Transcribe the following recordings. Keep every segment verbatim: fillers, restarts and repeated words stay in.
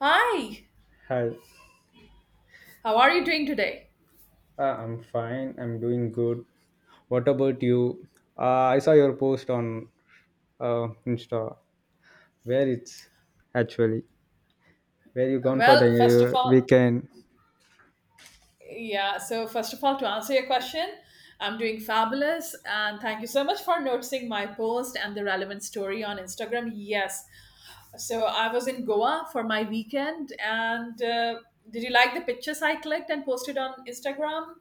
Hi, Hi, how are you doing today? uh, I'm fine. I'm doing good. What about you? Uh, I saw your post on uh, Insta. Where it's actually? Where you gone for the Well, first of uh, all, weekend? yeah, so first of all, to answer your question, I'm doing fabulous and thank you so much for noticing my post and the relevant story on Instagram. Yes, so I was in Goa for my weekend and uh, did you like the pictures I clicked and posted on Instagram?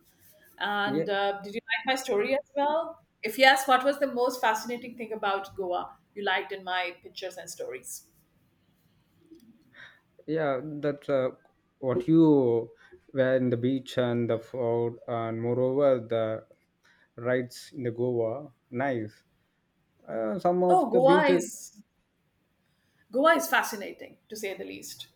Yeah, And uh, did you like my story as well? If yes, what was the most fascinating thing about Goa you liked in my pictures and stories? yeah. That's uh, what you were in the beach and the food, and moreover the rides in the Goa. Nice. Uh, some of Oh, the Goa beaches. is Goa is fascinating, to say the least.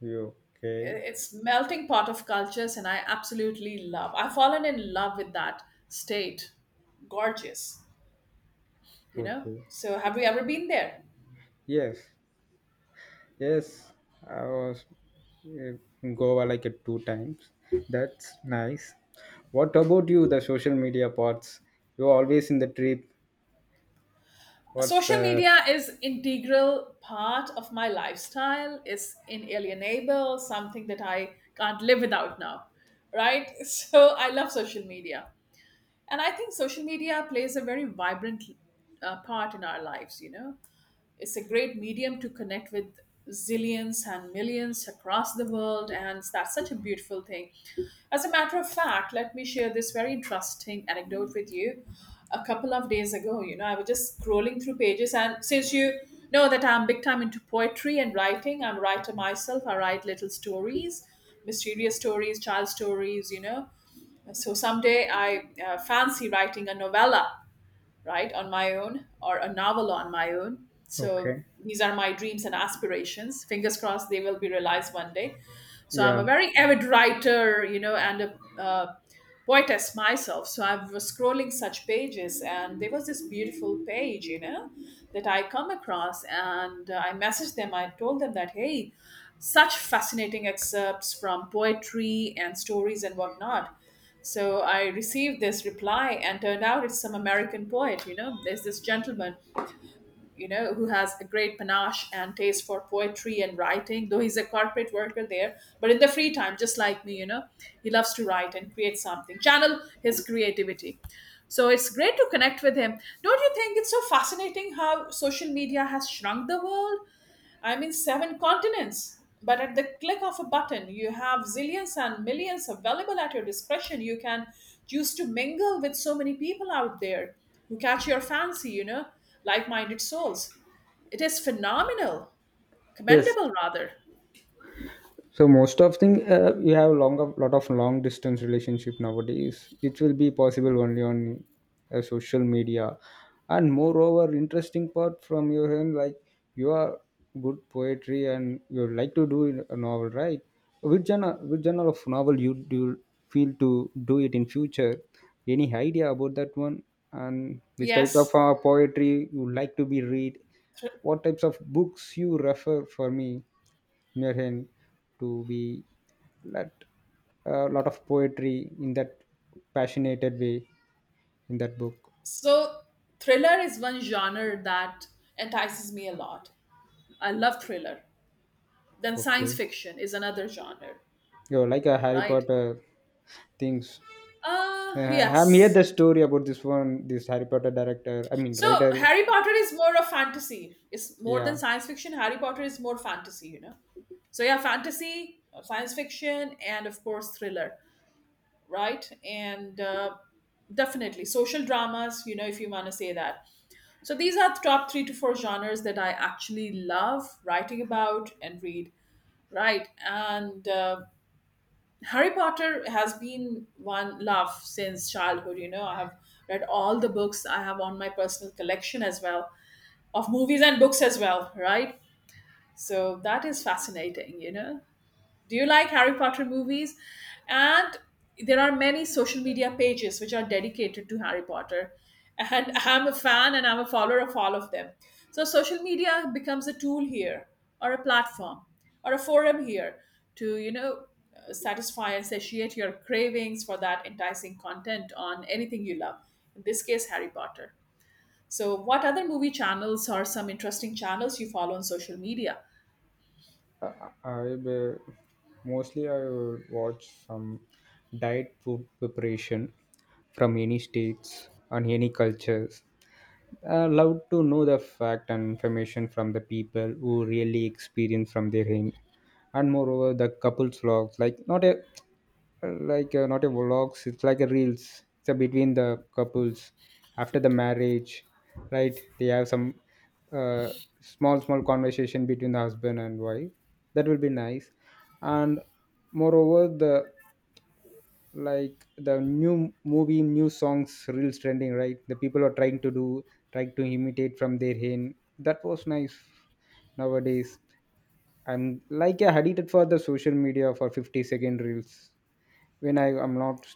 You okay? It's melting pot of cultures, and I absolutely love. I've fallen in love with that state. Gorgeous, you know. Okay. So, have you ever been there? Yes. Yes, I was uh, Goa like it two times. That's nice. What about you, the social media parts? You're always in the trip. What's Social the media is integral part of my lifestyle. It's inalienable, something that I can't live without now, right? So, I love social media, and I think social media plays a very vibrant uh, part in our lives. You know, it's a great medium to connect with zillions and millions across the world, and that's such a beautiful thing. As a matter of fact, let me share this very interesting anecdote with you. A couple of days ago, you know, I was just scrolling through pages, and since you know that I'm big time into poetry and writing, I'm a writer myself. I write little stories, mysterious stories, child stories, you know. So someday I uh, fancy writing a novella, right, on my own, or a novel on my own. So okay? these are my dreams and aspirations. Fingers crossed they will be realized one day. So I'm Yeah. a very avid writer, you know, and a uh, poetess myself. So I was scrolling such pages, and there was this beautiful page, you know, that I come across, and uh, I messaged them. I told them that, hey, such fascinating excerpts from poetry and stories and whatnot. So I received this reply, and turned out it's some American poet. You know, there's this gentleman, you know, who has a great panache and taste for poetry and writing, though he's a corporate worker there. But in the free time, just like me, you know, he loves to write and create something, channel his creativity. So it's great to connect with him. Don't you think it's so fascinating how social media has shrunk the world? I'm in seven continents. But at the click of a button, you have zillions and millions available at your discretion. You can choose to mingle with so many people out there who catch your fancy, you know, like minded souls. It is phenomenal, Yes. commendable rather. So most of thing uh, you have long of lot of long distance relationship nowadays. It will be possible only on uh, social media, and moreover, interesting part from your end like you are good poetry and you like to do in a novel, right? Which genre, which genre of novel you do you feel to do it in future? Any idea about that one? And which type of Yes. uh, poetry you like to be read? What types of books you refer for me in your hand to be lot a lot of poetry in that passionate way in that book. So, thriller is one genre that entices me a lot. I love thriller. Then, science Okay, fiction is another genre, you like a Harry right? Potter things. Uh, Uh, I'm heard yes. the story about this one, this Harry Potter director. I mean So writer. Harry Potter is more of fantasy. It's more than Yeah, science fiction. Harry Potter is more fantasy, you know. So yeah, fantasy, uh, science fiction, and of course thriller, right? And uh, definitely social dramas, you know, if you want to say that. So these are the top three to four genres that I actually love writing about and read, right? And uh, Harry Potter has been one love since childhood. You know, I have read all the books I have on my personal collection as well of movies and books as well, right? So that is fascinating, you know. Do you like Harry Potter movies? And there are many social media pages which are dedicated to Harry Potter. And I'm a fan and I'm a follower of all of them. So social media becomes a tool here or a platform or a forum here to, you know, uh, satisfy and satiate your cravings for that enticing content on anything you love. In this case, Harry Potter. So, what other movie channels or some interesting channels you follow on social media? uh, I uh, mostly I would watch some diet food preparation from any states and any cultures. I love to know the fact and information from the people who really experience from their end. And moreover, the couples vlogs, like not a like uh, not a vlogs, it's like a reels. It's a between the couples after the marriage, right? They have some uh, small small conversation between the husband and wife. That will be nice. And moreover, the like the new movie new songs reels trending right the people are trying to do trying to imitate from their hand that was nice nowadays I'm like a addicted for the social media for fifty second reels when I am not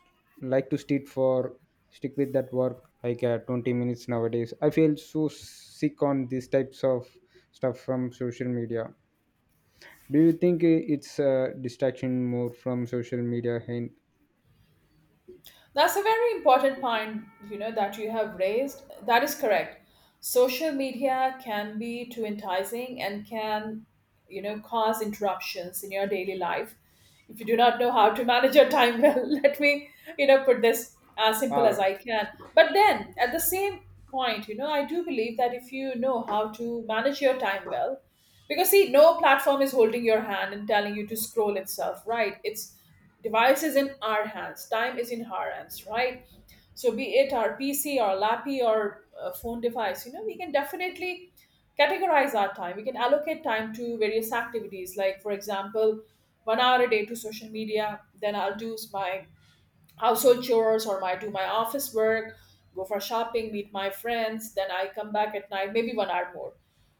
like to stick for stick with that work like uh, twenty minutes nowadays I feel so sick on these types of stuff from social media. Do you think uh, it's a distraction more from social media and That's a very important point, you know, that you have raised. That is correct. Social media can be too enticing and can, you know, cause interruptions in your daily life. If you do not know how to manage your time well, let me, you know, put this as simple as uh, I can. But then at the same point, you know, I do believe that if you know how to manage your time well, because see, no platform is holding your hand and telling you to scroll itself, right? It's device is in our hands, time is in our hands, right? So, be it our P C, our lappy, or uh, phone device, you know, we can definitely categorize our time. We can allocate time to various activities, like, for example, one hour a day to social media, then I'll do my household chores or my do my office work, go for shopping, meet my friends, then I come back at night, maybe one hour more.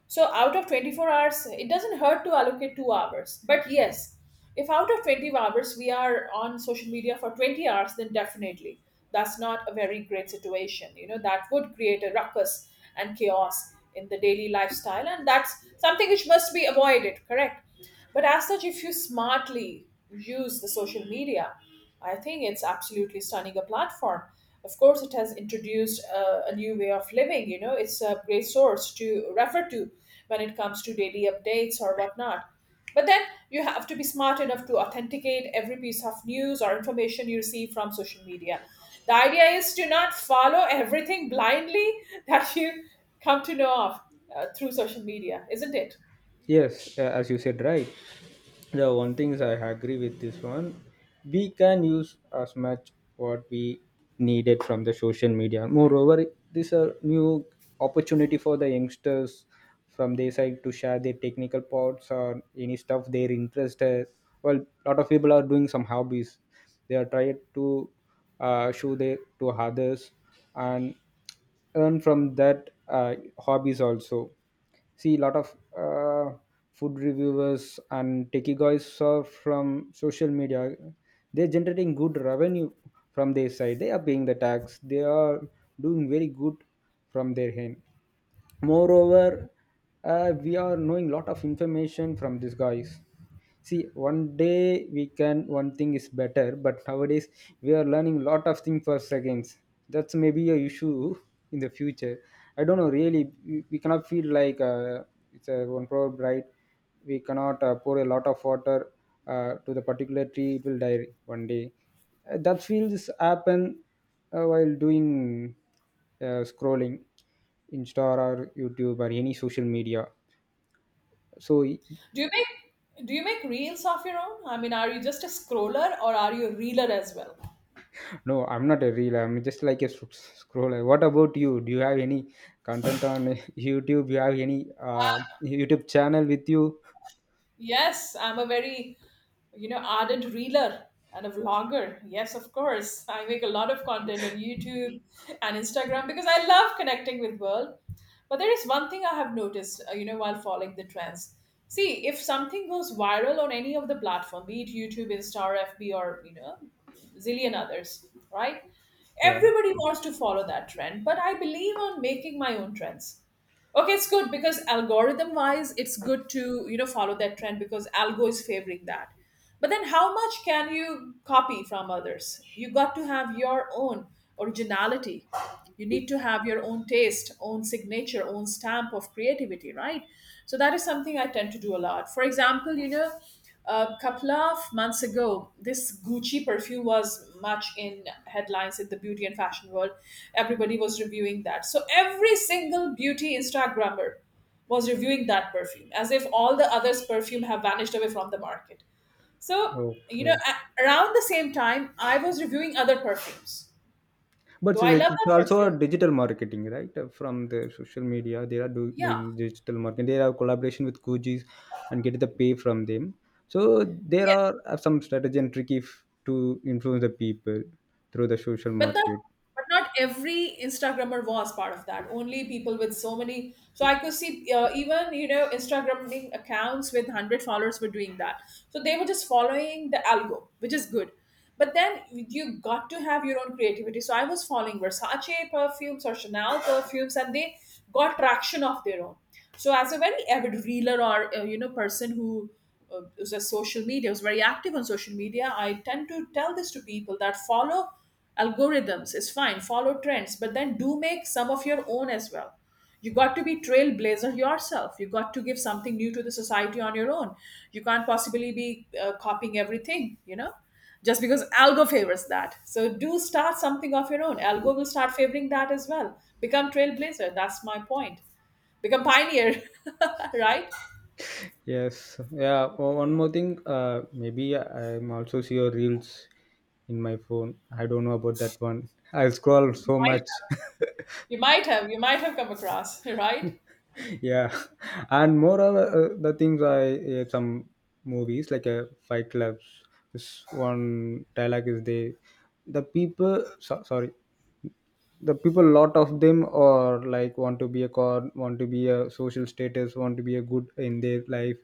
So out of twenty-four hours, it doesn't hurt to allocate two hours. But yes, if out of twenty hours we are on social media for twenty hours, then definitely that's not a very great situation. You know, that would create a ruckus and chaos in the daily lifestyle. And that's something which must be avoided, correct? But as such, if you smartly use the social media, I think it's absolutely stunning a platform. Of course, it has introduced a, a new way of living. You know, it's a great source to refer to when it comes to daily updates or whatnot. But then you have to be smart enough to authenticate every piece of news or information you receive from social media. The idea is to not follow everything blindly that you come to know of uh, through social media, isn't it? yes? Uh, as you said, right. The one things I agree with this one, we can use as much what we needed from the social media. Moreover, this a new opportunity for the youngsters from their side to share their technical parts or any stuff they're interested. Well, lot of people are doing some hobbies. They are trying to uh, show their to others and earn from that uh, hobbies also. See a lot of uh, food reviewers and techie guys are from social media. They're generating good revenue from their side. They are paying the tax. They are doing very good from their hand. Moreover, uh, we are knowing lot of information from these guys. See one day we can one thing is better but nowadays we are learning lot of things for seconds. That's maybe a issue in the future. I don't know really. We we cannot feel like uh, it's a one proverb right. We cannot uh, pour a lot of water uh, to the particular tree, it will die one day. Uh, that feels happen uh, while doing uh, scrolling insta or youtube or any social media. So y- Do you make do you make reels of your own? I mean, are you just a scroller or are you a reeler as well? no, I'm not a real, I'm just like a sc- scroller. What about you, do you have any content on youtube? You have any uh, youtube channel with you? Yes, I'm a very, you know, ardent reeler and a vlogger. Yes, of course. I make a lot of content on YouTube and Instagram because I love connecting with world. But there is one thing I have noticed, uh, you know, while following the trends. See, if something goes viral on any of the platform, be it YouTube, Insta, or F B, or you know, zillion others, right? Yeah, Everybody wants to follow that trend, but I believe on making my own trends. Okay, it's good because algorithm wise, it's good to you know follow that trend because algo is favoring that. But then, how much can you copy from others? You got to have your own originality. You need to have your own taste, own signature, own stamp of creativity, right? So that is something I tend to do a lot. For example, you know, a couple of months ago, this Gucci perfume was much in headlines in the beauty and fashion world. Everybody was reviewing that. So every single beauty Instagrammer was reviewing that perfume as if all the others' perfume have vanished away from the market. So, you know, okay, a- around the same time, I was reviewing other perfumes. but Though I it's love it's that also a perfume. digital marketing, right? Uh, from the social media they are do, doing Yeah. digital marketing. They have collaboration with Kujis and get the pay from them. So there Yeah. are uh, some strategy and trick if to influence the people through the social but not market. but not every instagrammer was part of that, only people with so many, so I could see, uh, even you know, instagramming accounts with one hundred followers were doing that. So they were just following the algo, which is good, but then you got to have your own creativity. So I was following Versace perfumes or Chanel perfumes and they got traction of their own. So as a very avid reeler or uh, you know person who uh, is a social media was very active on social media, I tend to tell this to people that follow algorithms is fine, follow trends, but then do make some of your own as well. You got to be trailblazer yourself, you got to give something new to the society on your own. You can't possibly be uh, copying everything you know, just because algo favors that. So do start something of your own, algo will start favoring that as well. Become trailblazer, that's my point. Become pioneer right. Yes, yeah. o- One more thing, uh, maybe I'm also see your reels in my phone. I don't know about that one. I scroll you so might much. have you might have you might have come across right. Yeah, and more uh, the things I uh, some movies like a Fight Clubs. This one dialogue is they the people so, sorry, the people lot of them are like want to be a car, want to be a social status, want to be a good in their life.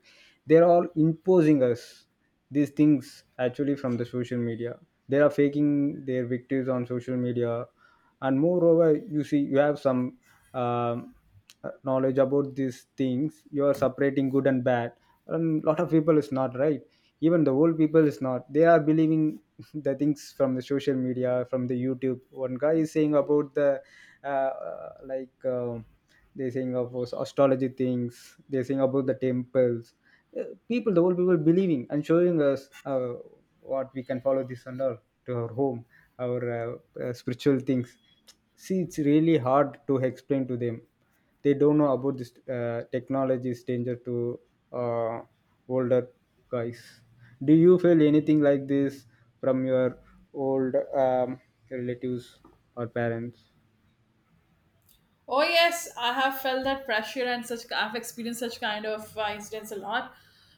They're all imposing us these things actually from the social media. They are faking their victories on social media. And moreover, you see you have some um, knowledge about these things. You are separating good and bad, and lot of people is not right. Even the old people is not, they are believing the things from the social media from the youtube. One guy is saying about the uh, uh, like um they saying about astrology things, they saying about the temples. Uh, People, the old people believing and showing us uh, what we can follow this and all to our home, our uh, uh, spiritual things. See it's really hard to explain to them. They don't know about this. Uh, technology is danger to uh, older guys. Do you feel anything like this from your old um, relatives or parents? Oh yes, I have felt that pressure and such. I've experienced such kind of uh, incidents a lot.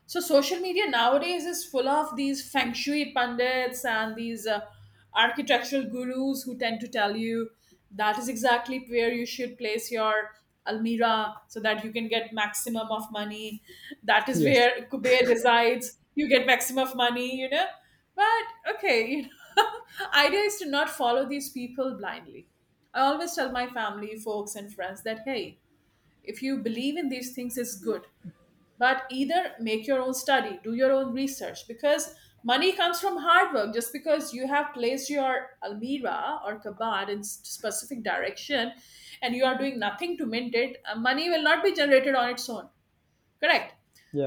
So social media nowadays is full of these feng shui pundits and these uh, architectural gurus who tend to tell you that is exactly where you should place your almirah so that you can get maximum of money. That is Yes, where Kuber resides. You get maximum of money. You know. But okay, you know, idea is to not follow these people blindly. I always tell my family, folks, and friends that hey, if you believe in these things, it's good. But either make your own study, do your own research, because money comes from hard work. Just because you have placed your almirah or kabad in s- specific direction, and you are doing nothing to mint it, uh, money will not be generated on its own. Correct.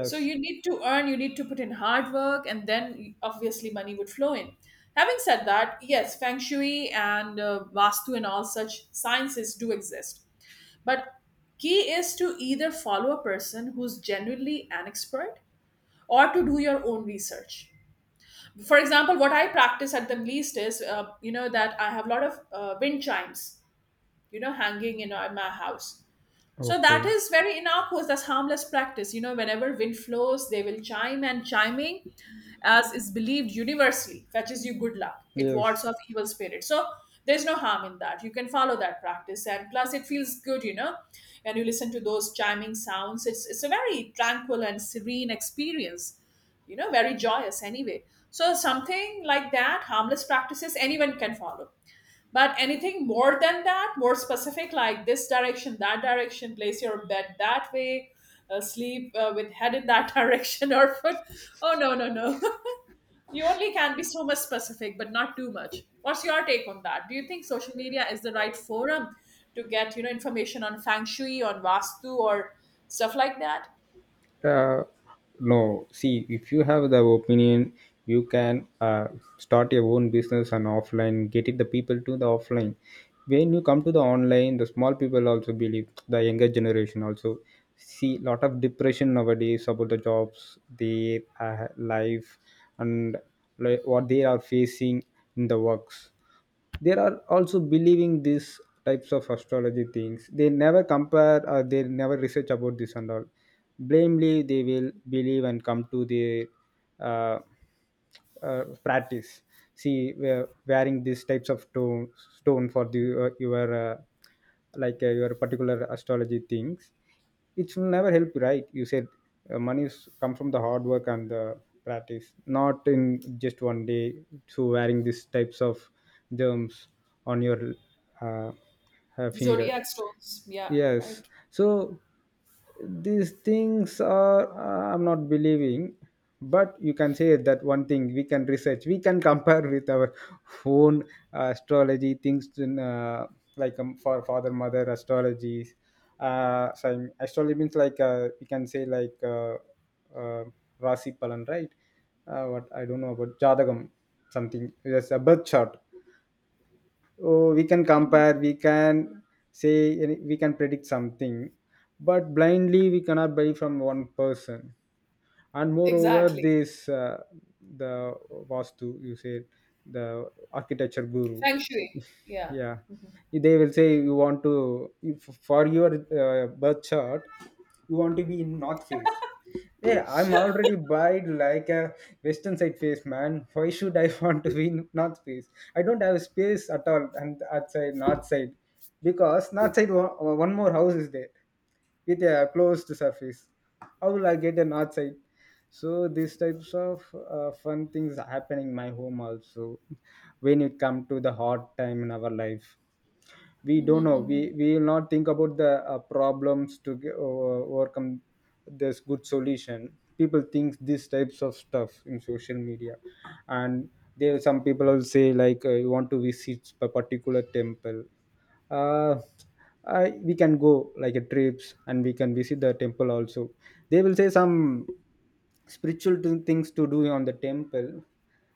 So you need to earn, you need to put in hard work, and then obviously money would flow in. Having said that, yes, feng shui and uh, vastu and all such sciences do exist. But key is to either follow a person who's genuinely an expert or to do your own research. For example, what I practice at the least is, uh, you know, that I have a lot of uh, wind chimes, you know, hanging in uh, my house. So okay. that is very innocuous. That's harmless practice. You know, whenever wind flows, they will chime, and chiming, as is believed universally, fetches you good luck. It Yes. wards off evil spirits. So there's no harm in that. You can follow that practice, and plus, it feels good. You know, when you listen to those chiming sounds, it's it's a very tranquil and serene experience. You know, very joyous anyway. So something like that, harmless practices anyone can follow, but anything more than that, more specific, like this direction, that direction, place your bed that way, uh, sleep uh, with head in that direction or foot. Oh, no, no, no. You only can be so much specific, but not too much. What's your take on that? Do you think social media is the right forum to get, you know, information on feng shui, on vastu, or stuff like that? Uh, no. See, if you have the opinion, you can uh, start your own business on offline, getting the people to the offline. When you come to the online, the small people also believe, the younger generation also see lot of depression nowadays about the jobs, their uh, life, and like, what they are facing in the works. There are also believing these types of astrology things. They never compare or they never research about this and all. Blamely they will believe and come to the uh, uh, practice. See we are wearing these types of stone, stone for the, uh, your uh, like uh, your particular astrology things. It will never help you, right? You said uh, money is, come from the hard work and the practice, not in just one day through wearing these types of germs on your uh, uh, finger. Zodiac stones. Yeah, Yes. right. So these things are uh, I'm not believing, but you can say that one thing, we can research, we can compare with our own astrology things in, uh, like um, for father mother astrologies. Uh so astrology means like uh, we can say like uh, uh, rasi palan, right? Uh, what I don't know about jadagam, something. Yes, a birth chart. Oh, we can Mhm. compare, we can say any- we can predict something, but blindly we cannot buy from one person. And moreover Exactly. this uh, the vastu you said, the architecture guru. Feng shui. Yeah. Yeah, they will say you want to, if for your uh, birth chart you want to be in north face. Yeah, I'm already buyed like a western side face, man. Why should I want to be in north face? I don't have space at all and outside north side, because north side one, one more house is there with a closed surface. How will I get an outside? So these types of uh, fun things happening in my home also. When it come to the hard time in our life, we Mhm, don't know. mhm, We we will not think about the uh, problems to g- o- overcome this good solution. People think these types of stuff in social media. And there some people will say like uh, you want to visit a particular temple. uh, I, we can go like a trips and we can visit the temple also. They will say some spiritual to- things to do on the temple.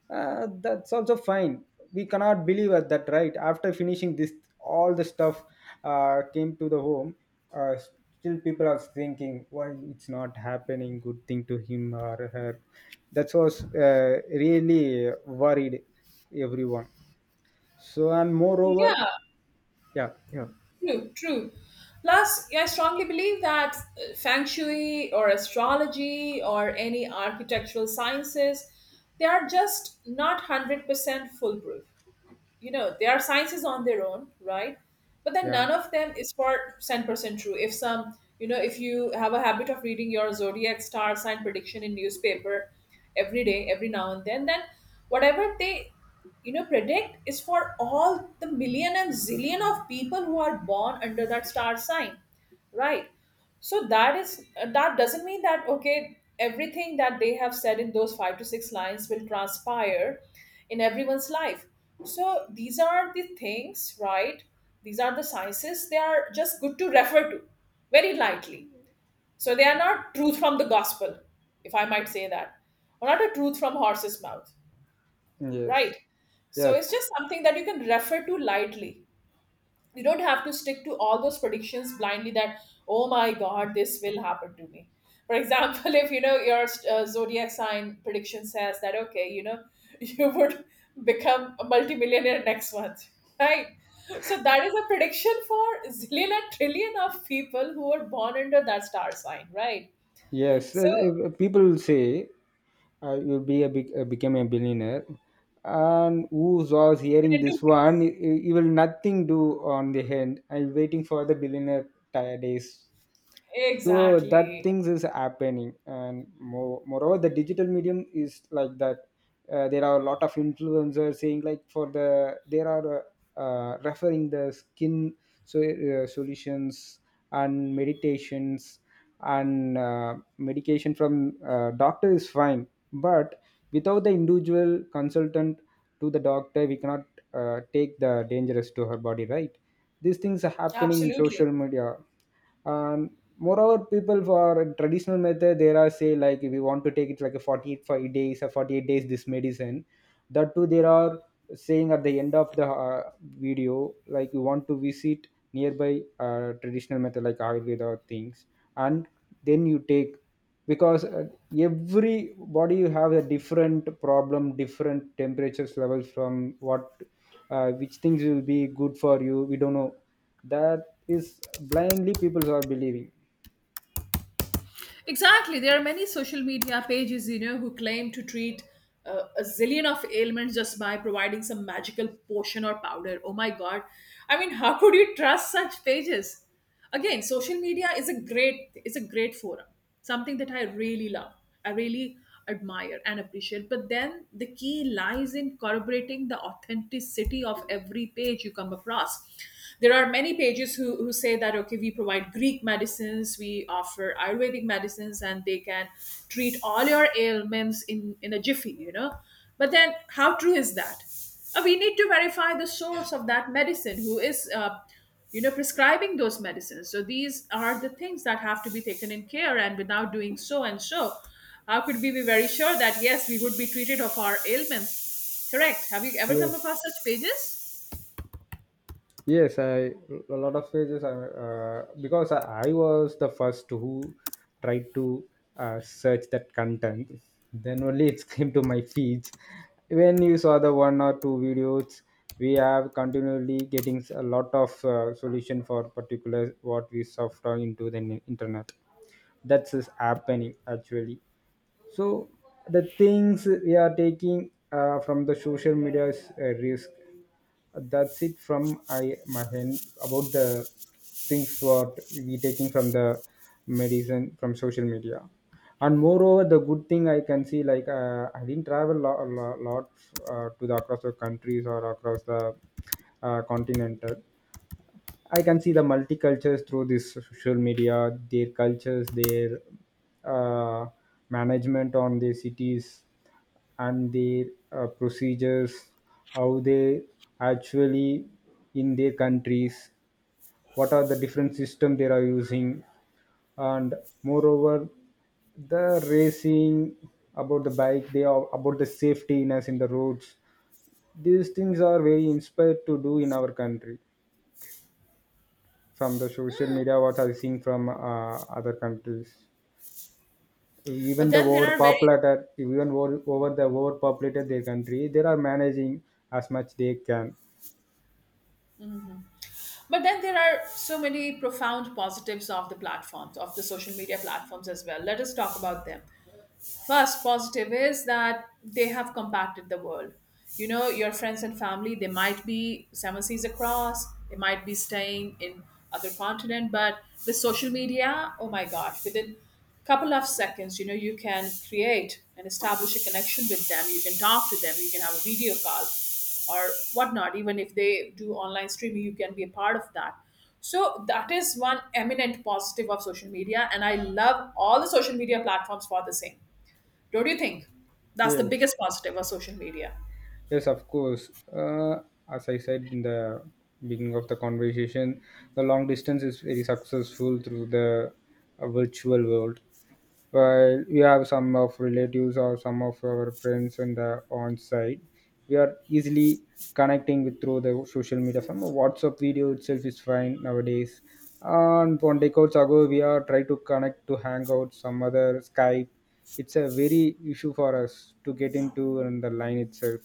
uh, That's also fine. We cannot believe at that right after finishing this all the stuff uh, came to the home. uh, Still people are thinking why it's not happening good thing to him or her. That was uh, really worried everyone. So and mhm. moreover, Yeah, yeah, yeah, true, true. Plus, I strongly believe that uh, feng shui or astrology or any architectural sciences, they are just not one hundred percent foolproof. You know they are sciences on their own, right? But then yeah, none of them is for one hundred percent true. If some you know if you have a habit of reading your zodiac star sign prediction in newspaper every day, every now and then then whatever they you know predict is for all the million and zillion of people who are born under that star sign, right? So that is uh, that doesn't mean that, okay, everything that they have said in those five to six lines will transpire in everyone's life. So these are the things, right? These are the sciences. They are just good to refer to very lightly. So they are not truth from the gospel, if I might say that, or not a truth from horse's mouth, yes, right? So it's yes. just something that you can refer to lightly. You don't have to stick to all those predictions blindly, that oh my god, this will happen to me. For example, if you know your uh, zodiac sign prediction says that, okay, you know you would become a multimillionaire next month, right? So that is a prediction for zillion and trillion of people who were born under that star sign, right? Yes, uh, So uh, people say uh, you'll be a big, uh, become a billionaire, and who was hearing within two this one, weeks he, he will nothing do on the hand. I'm waiting for the billionaire ti- days. So that Exactly. things is happening and more, moreover the digital medium is like that. Uh, there are a lot of influencers saying like for the there are uh, uh, referring the skin, so uh, solutions and meditations, and uh, medication from uh, doctor is fine, but without the individual consultant to the doctor we cannot uh, take the dangerous to her body, right? These things are happening in Absolutely. social media. And moreover people for traditional method there are say like if you want to take it like a forty-eight five days or forty-eight days this medicine. That too there are saying at the end of the uh, video like you want to visit nearby uh, traditional method like ayurveda things, and then you take. Because uh, every body you have a different problem, different temperatures levels. From what uh, which things will be good for you, we don't know. That is blindly people are believing. Exactly. There are many social media pages, you know, who claim to treat uh, a zillion of ailments just by providing some magical potion or powder. Oh my God. I mean, how could you trust such pages? Again, social media is a great, is a great forum, something that I really love. I really admire and appreciate. But then the key lies in corroborating the authenticity of every page you come across. There are many pages who, who say that, okay, we provide Greek medicines, we offer Ayurvedic medicines, and they can treat all your ailments in, in a jiffy, you know. But then, how true is that? Uh, we need to verify the source of that medicine, who is uh, you know prescribing those medicines. So these are the things that have to be taken in care, and without doing so and so, how could we be very sure that yes, we would be treated of our ailments? Correct. Have you ever come Yes, across such pages? yes. I a lot of pages. I uh, because I, I was the first who tried to uh, search that content. Then only it came to my feeds. When you saw the one or two videos, we have continually getting a lot of uh, solution for particular what we software into the internet. That's is happening actually. So the things we are taking uh, from the social media is a risk. That's it from I, my end about the things what we taking from the medicine from social media. And moreover the good thing I can see like uh, I didn't travel a lot, lot, uh, to the across the countries or across the uh, continental. I can see the multicultures through this social media, their cultures, their uh, management on their cities, and their uh, procedures, how they actually in their countries, what are the different system they are using, and moreover, the racing about the bike, they are about the safetyness in the roads. These things are very inspired to do in our country. From the social media, what are you seeing from uh, other countries? Even but the then there are very overpopulated, even over, over the overpopulated their country they are managing as much they can. but then there are so many profound positives of the platforms of the social media platforms as well. Let us talk about them. First, positive is that they have compacted the world. You know, your friends and family, they might be seven seas across, they might be staying in other continent, but with social media, oh my God, within couple of seconds, you know, you can create and establish a connection with them. You can talk to them. You can have a video call or whatnot. Even if they do online streaming, you can be a part of that. So that is one eminent positive of social media. And I love all the social media platforms for the same. Don't you think? That's the Yes, biggest positive of social media. yes, of course. Uh, as I said in the beginning of the conversation, the long distance is very successful through the uh, virtual world. While we have some of relatives or some of our friends on the on site, we are easily connecting with through the social media. Some WhatsApp video itself is fine nowadays. And on decades ago we are trying to connect to Hangout, some other Skype. It's a very issue for us to get into in the line itself.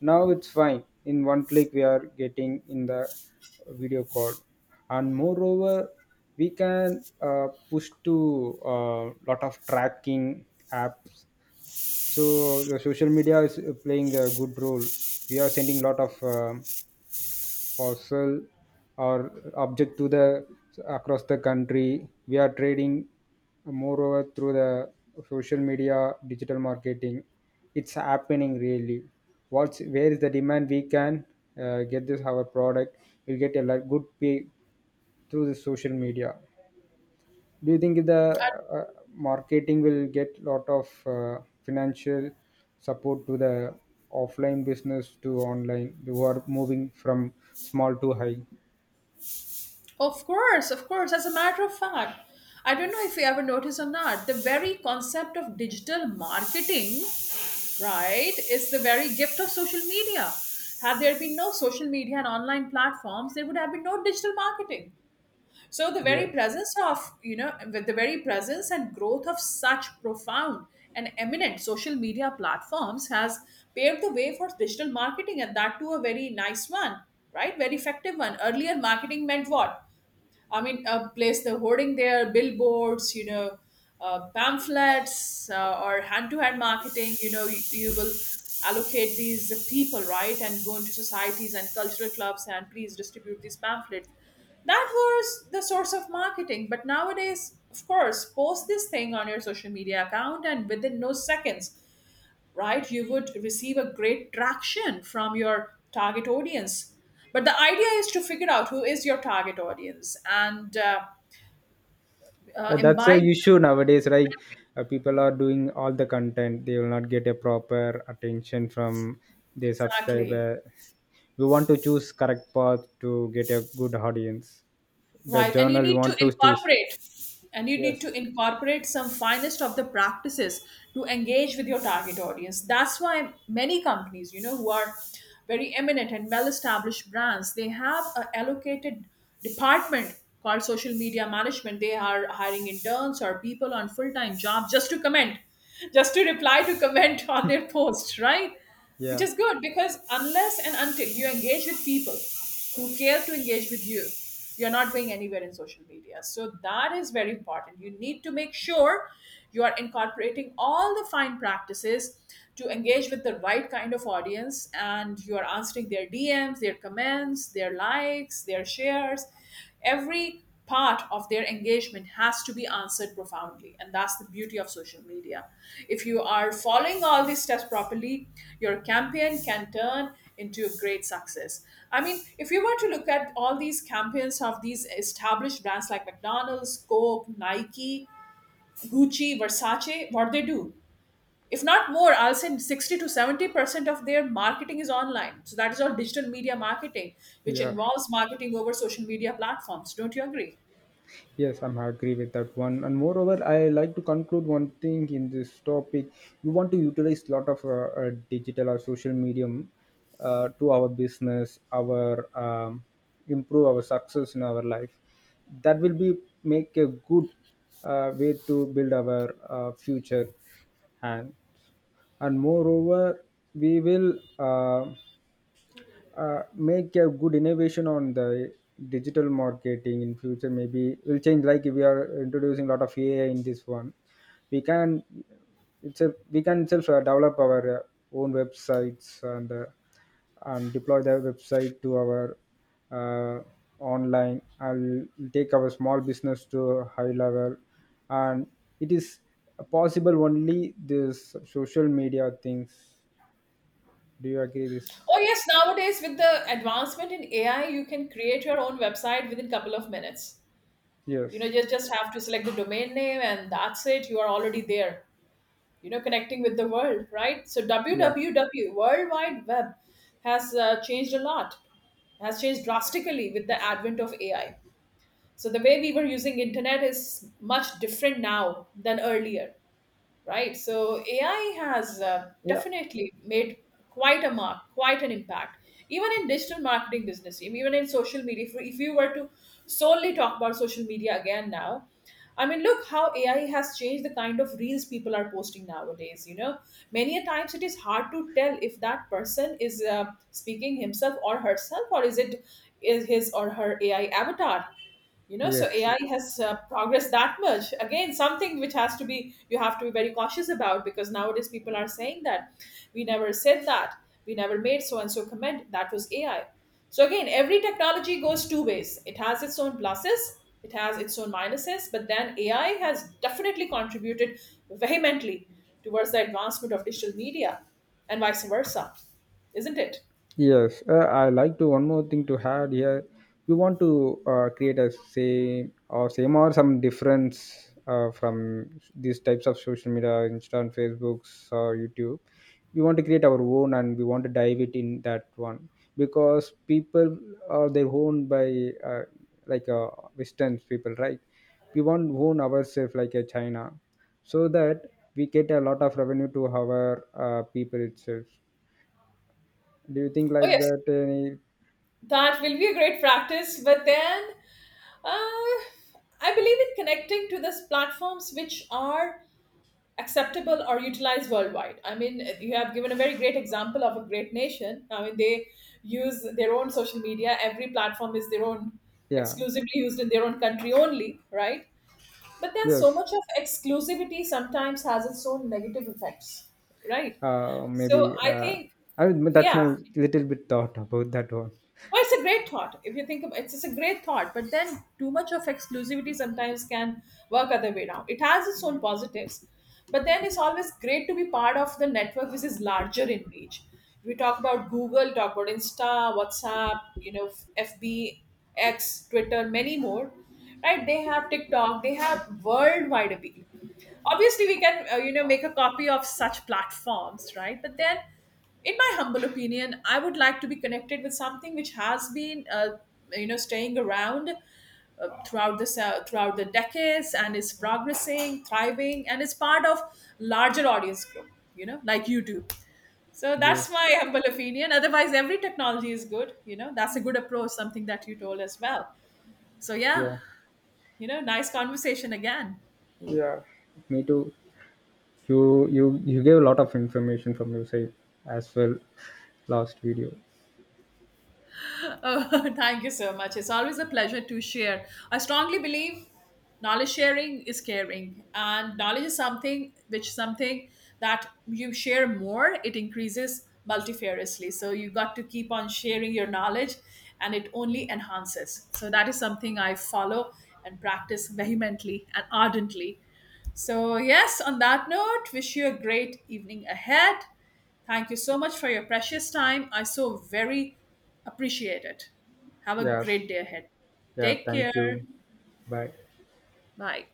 Now it's fine, in one click we are getting in the video call. And moreover we can uh, push to a lot of tracking apps. So the social media is uh, playing a good role. We are sending lot of um parcel or object to the across the country. We are trading, moreover through the social media digital marketing. It's happening really. What's where is the demand, we can uh, get this our product. We'll get a lot good pay through the social media. Do you think the uh, marketing will get lot of uh, financial support to the offline business to online, who are moving from small to high? Of course, of course. As a matter of fact, I don't know if you ever noticed or not, the very concept of digital marketing, right, is the very gift of social media. Had there been no social media and online platforms, there would have been no digital marketing. So the very Yes. presence of you know with the very presence and growth of such profound and eminent social media platforms has paved the way for digital marketing, and that too a very nice one, right? Very effective one. Earlier marketing meant what? I mean, uh, place the hoarding there, billboards, you know, uh, pamphlets, uh, or hand-to-hand marketing. You know, you, you will allocate these people, right, and go into societies and cultural clubs and please distribute these pamphlets. That was the source of marketing, but nowadays, of course, post this thing on your social media account, and within no seconds, right, you would receive a great traction from your target audience. But the idea is to figure out who is your target audience and uh, uh, Uh, that's a imbibe them. issue nowadays, right? Uh, people are doing all the content, they will not get a proper attention from their Exactly. subscriber. We want to choose correct path to get a good audience. The Right, and you journal we need to want to choose. incorporate, and you need to Yes. incorporate some finest of the practices to engage with your target audience. That's why many companies, you know, who are very eminent and well-established brands, they have a allocated department called social media management. They are hiring interns or people on full-time jobs just to comment, just to reply to comment on their post, right? Which Yeah. is good, because unless and until you engage with people who care to engage with you you're not going anywhere in social media. So that is very important. You need to make sure you are incorporating all the fine practices to engage with the right kind of audience, and you are answering their D Ms, their comments, their likes, their shares. Every part of their engagement has to be answered profoundly. And that's the beauty of social media. If you are following all these steps properly, your campaign can turn into a great success. I mean, if you were to look at all these campaigns of these established brands like McDonald's, Coke, Nike, Gucci, Versace, what they do, if not more, I'll say sixty to seventy percent of their marketing is online. So that is all digital media marketing, which Yeah. involves marketing over social media platforms. Don't you agree? Yes, I'm agree with that one. And moreover, I like to conclude one thing in this topic. We want to utilize lot of uh, uh, digital or social medium uh, to our business, our um, improve our success in our life. That will be make a good uh, way to build our uh, future, and and moreover, we will. Uh, uh, make a good innovation on the digital marketing in future, maybe will change like if we are introducing a lot of AI in this one. we can itself we can itself uh, develop our uh, own websites, and uh, and deploy the website to our uh, online. I'll take our small business to a high level. And it is possible only this social media things. Do you agree this? Oh yes, nowadays with the advancement in A I, you can create your own website within couple of minutes. Yes. You know, just just have to select the domain name, and that's it. You are already there. You know, connecting with the world, right? So Yeah. w w w World Wide Web has uh, changed a lot. Has changed drastically with the advent of A I. So the way we were using internet is much different now than earlier, right? So A I has uh, Yeah. definitely made quite a mark, quite an impact, even in digital marketing business, even in social media. If, if you were to solely talk about social media again now, I mean, look how A I has changed the kind of reels people are posting nowadays. You know, many a times it is hard to tell if that person is uh, speaking himself or herself, or is it is his or her A I avatar. you know so Yes. A I has uh, progressed that much. Again, something which has to be you have to be very cautious about, because nowadays people are saying that we never said that, we never made so and so comment, that was A I. So again, every technology goes two ways. It has its own pluses, it has its own minuses, but then A I has definitely contributed vehemently towards the advancement of digital media, and vice versa. Isn't it? Yes. Uh, I like to one more thing to add here. You want to uh, create a same or same or some difference uh, from these types of social media, Insta and Facebooks or YouTube. We want to create our own and we want to dive it in that one, because people are their own by uh, like uh, Western people, right? We want own ourselves like a China, so that we get a lot of revenue to our uh, people itself. Do you think Oh like yes, that any? that will be a great practice, but then Uh, I believe in connecting to these platforms which are acceptable or utilized worldwide. I mean, you have given a very great example of a great nation. I mean, they use their own social media. Every platform is their own, Yeah. exclusively used in their own country only, right? But then so Yes. much of exclusivity sometimes has its own negative effects, right? uh maybe So I uh think. I mean, that's my Yeah. little bit thought about that one. Well, it's a great thought. If you think about it's, it's a great thought, but then too much of exclusivity sometimes can work other way around. It has its own positives, but then it's always great to be part of the network which is larger in reach. If we talk about Google, talk about Insta, WhatsApp, you know, F B, X, Twitter, many more, right? They have TikTok, they have worldwide appeal. Obviously we can uh, you know make a copy of such platforms, right? But then in my humble opinion, I would like to be connected with something which has been uh, you know staying around uh, throughout the se- throughout the decades and is progressing, thriving, and is part of larger audience group, you know like YouTube. So Yes. that's my humble opinion. Otherwise, every technology is good, you know that's a good approach, something that you told as well. So yeah. Yeah. You know nice conversation again. Me too. You you you gave a lot of information from your side as well. Last video. Oh, thank you so much. It's always a pleasure to share. I strongly believe knowledge sharing is caring, and knowledge is something which something that you share more, it increases multifariously. So you got to keep on sharing your knowledge, and it only enhances. So that is something I follow and practice vehemently and ardently. So, yes, on that note, wish you a great evening ahead. Thank you so much for your precious time. I so very appreciate it. Have a Yeah. great day ahead. Yeah, Take thank care. you. Bye. Bye.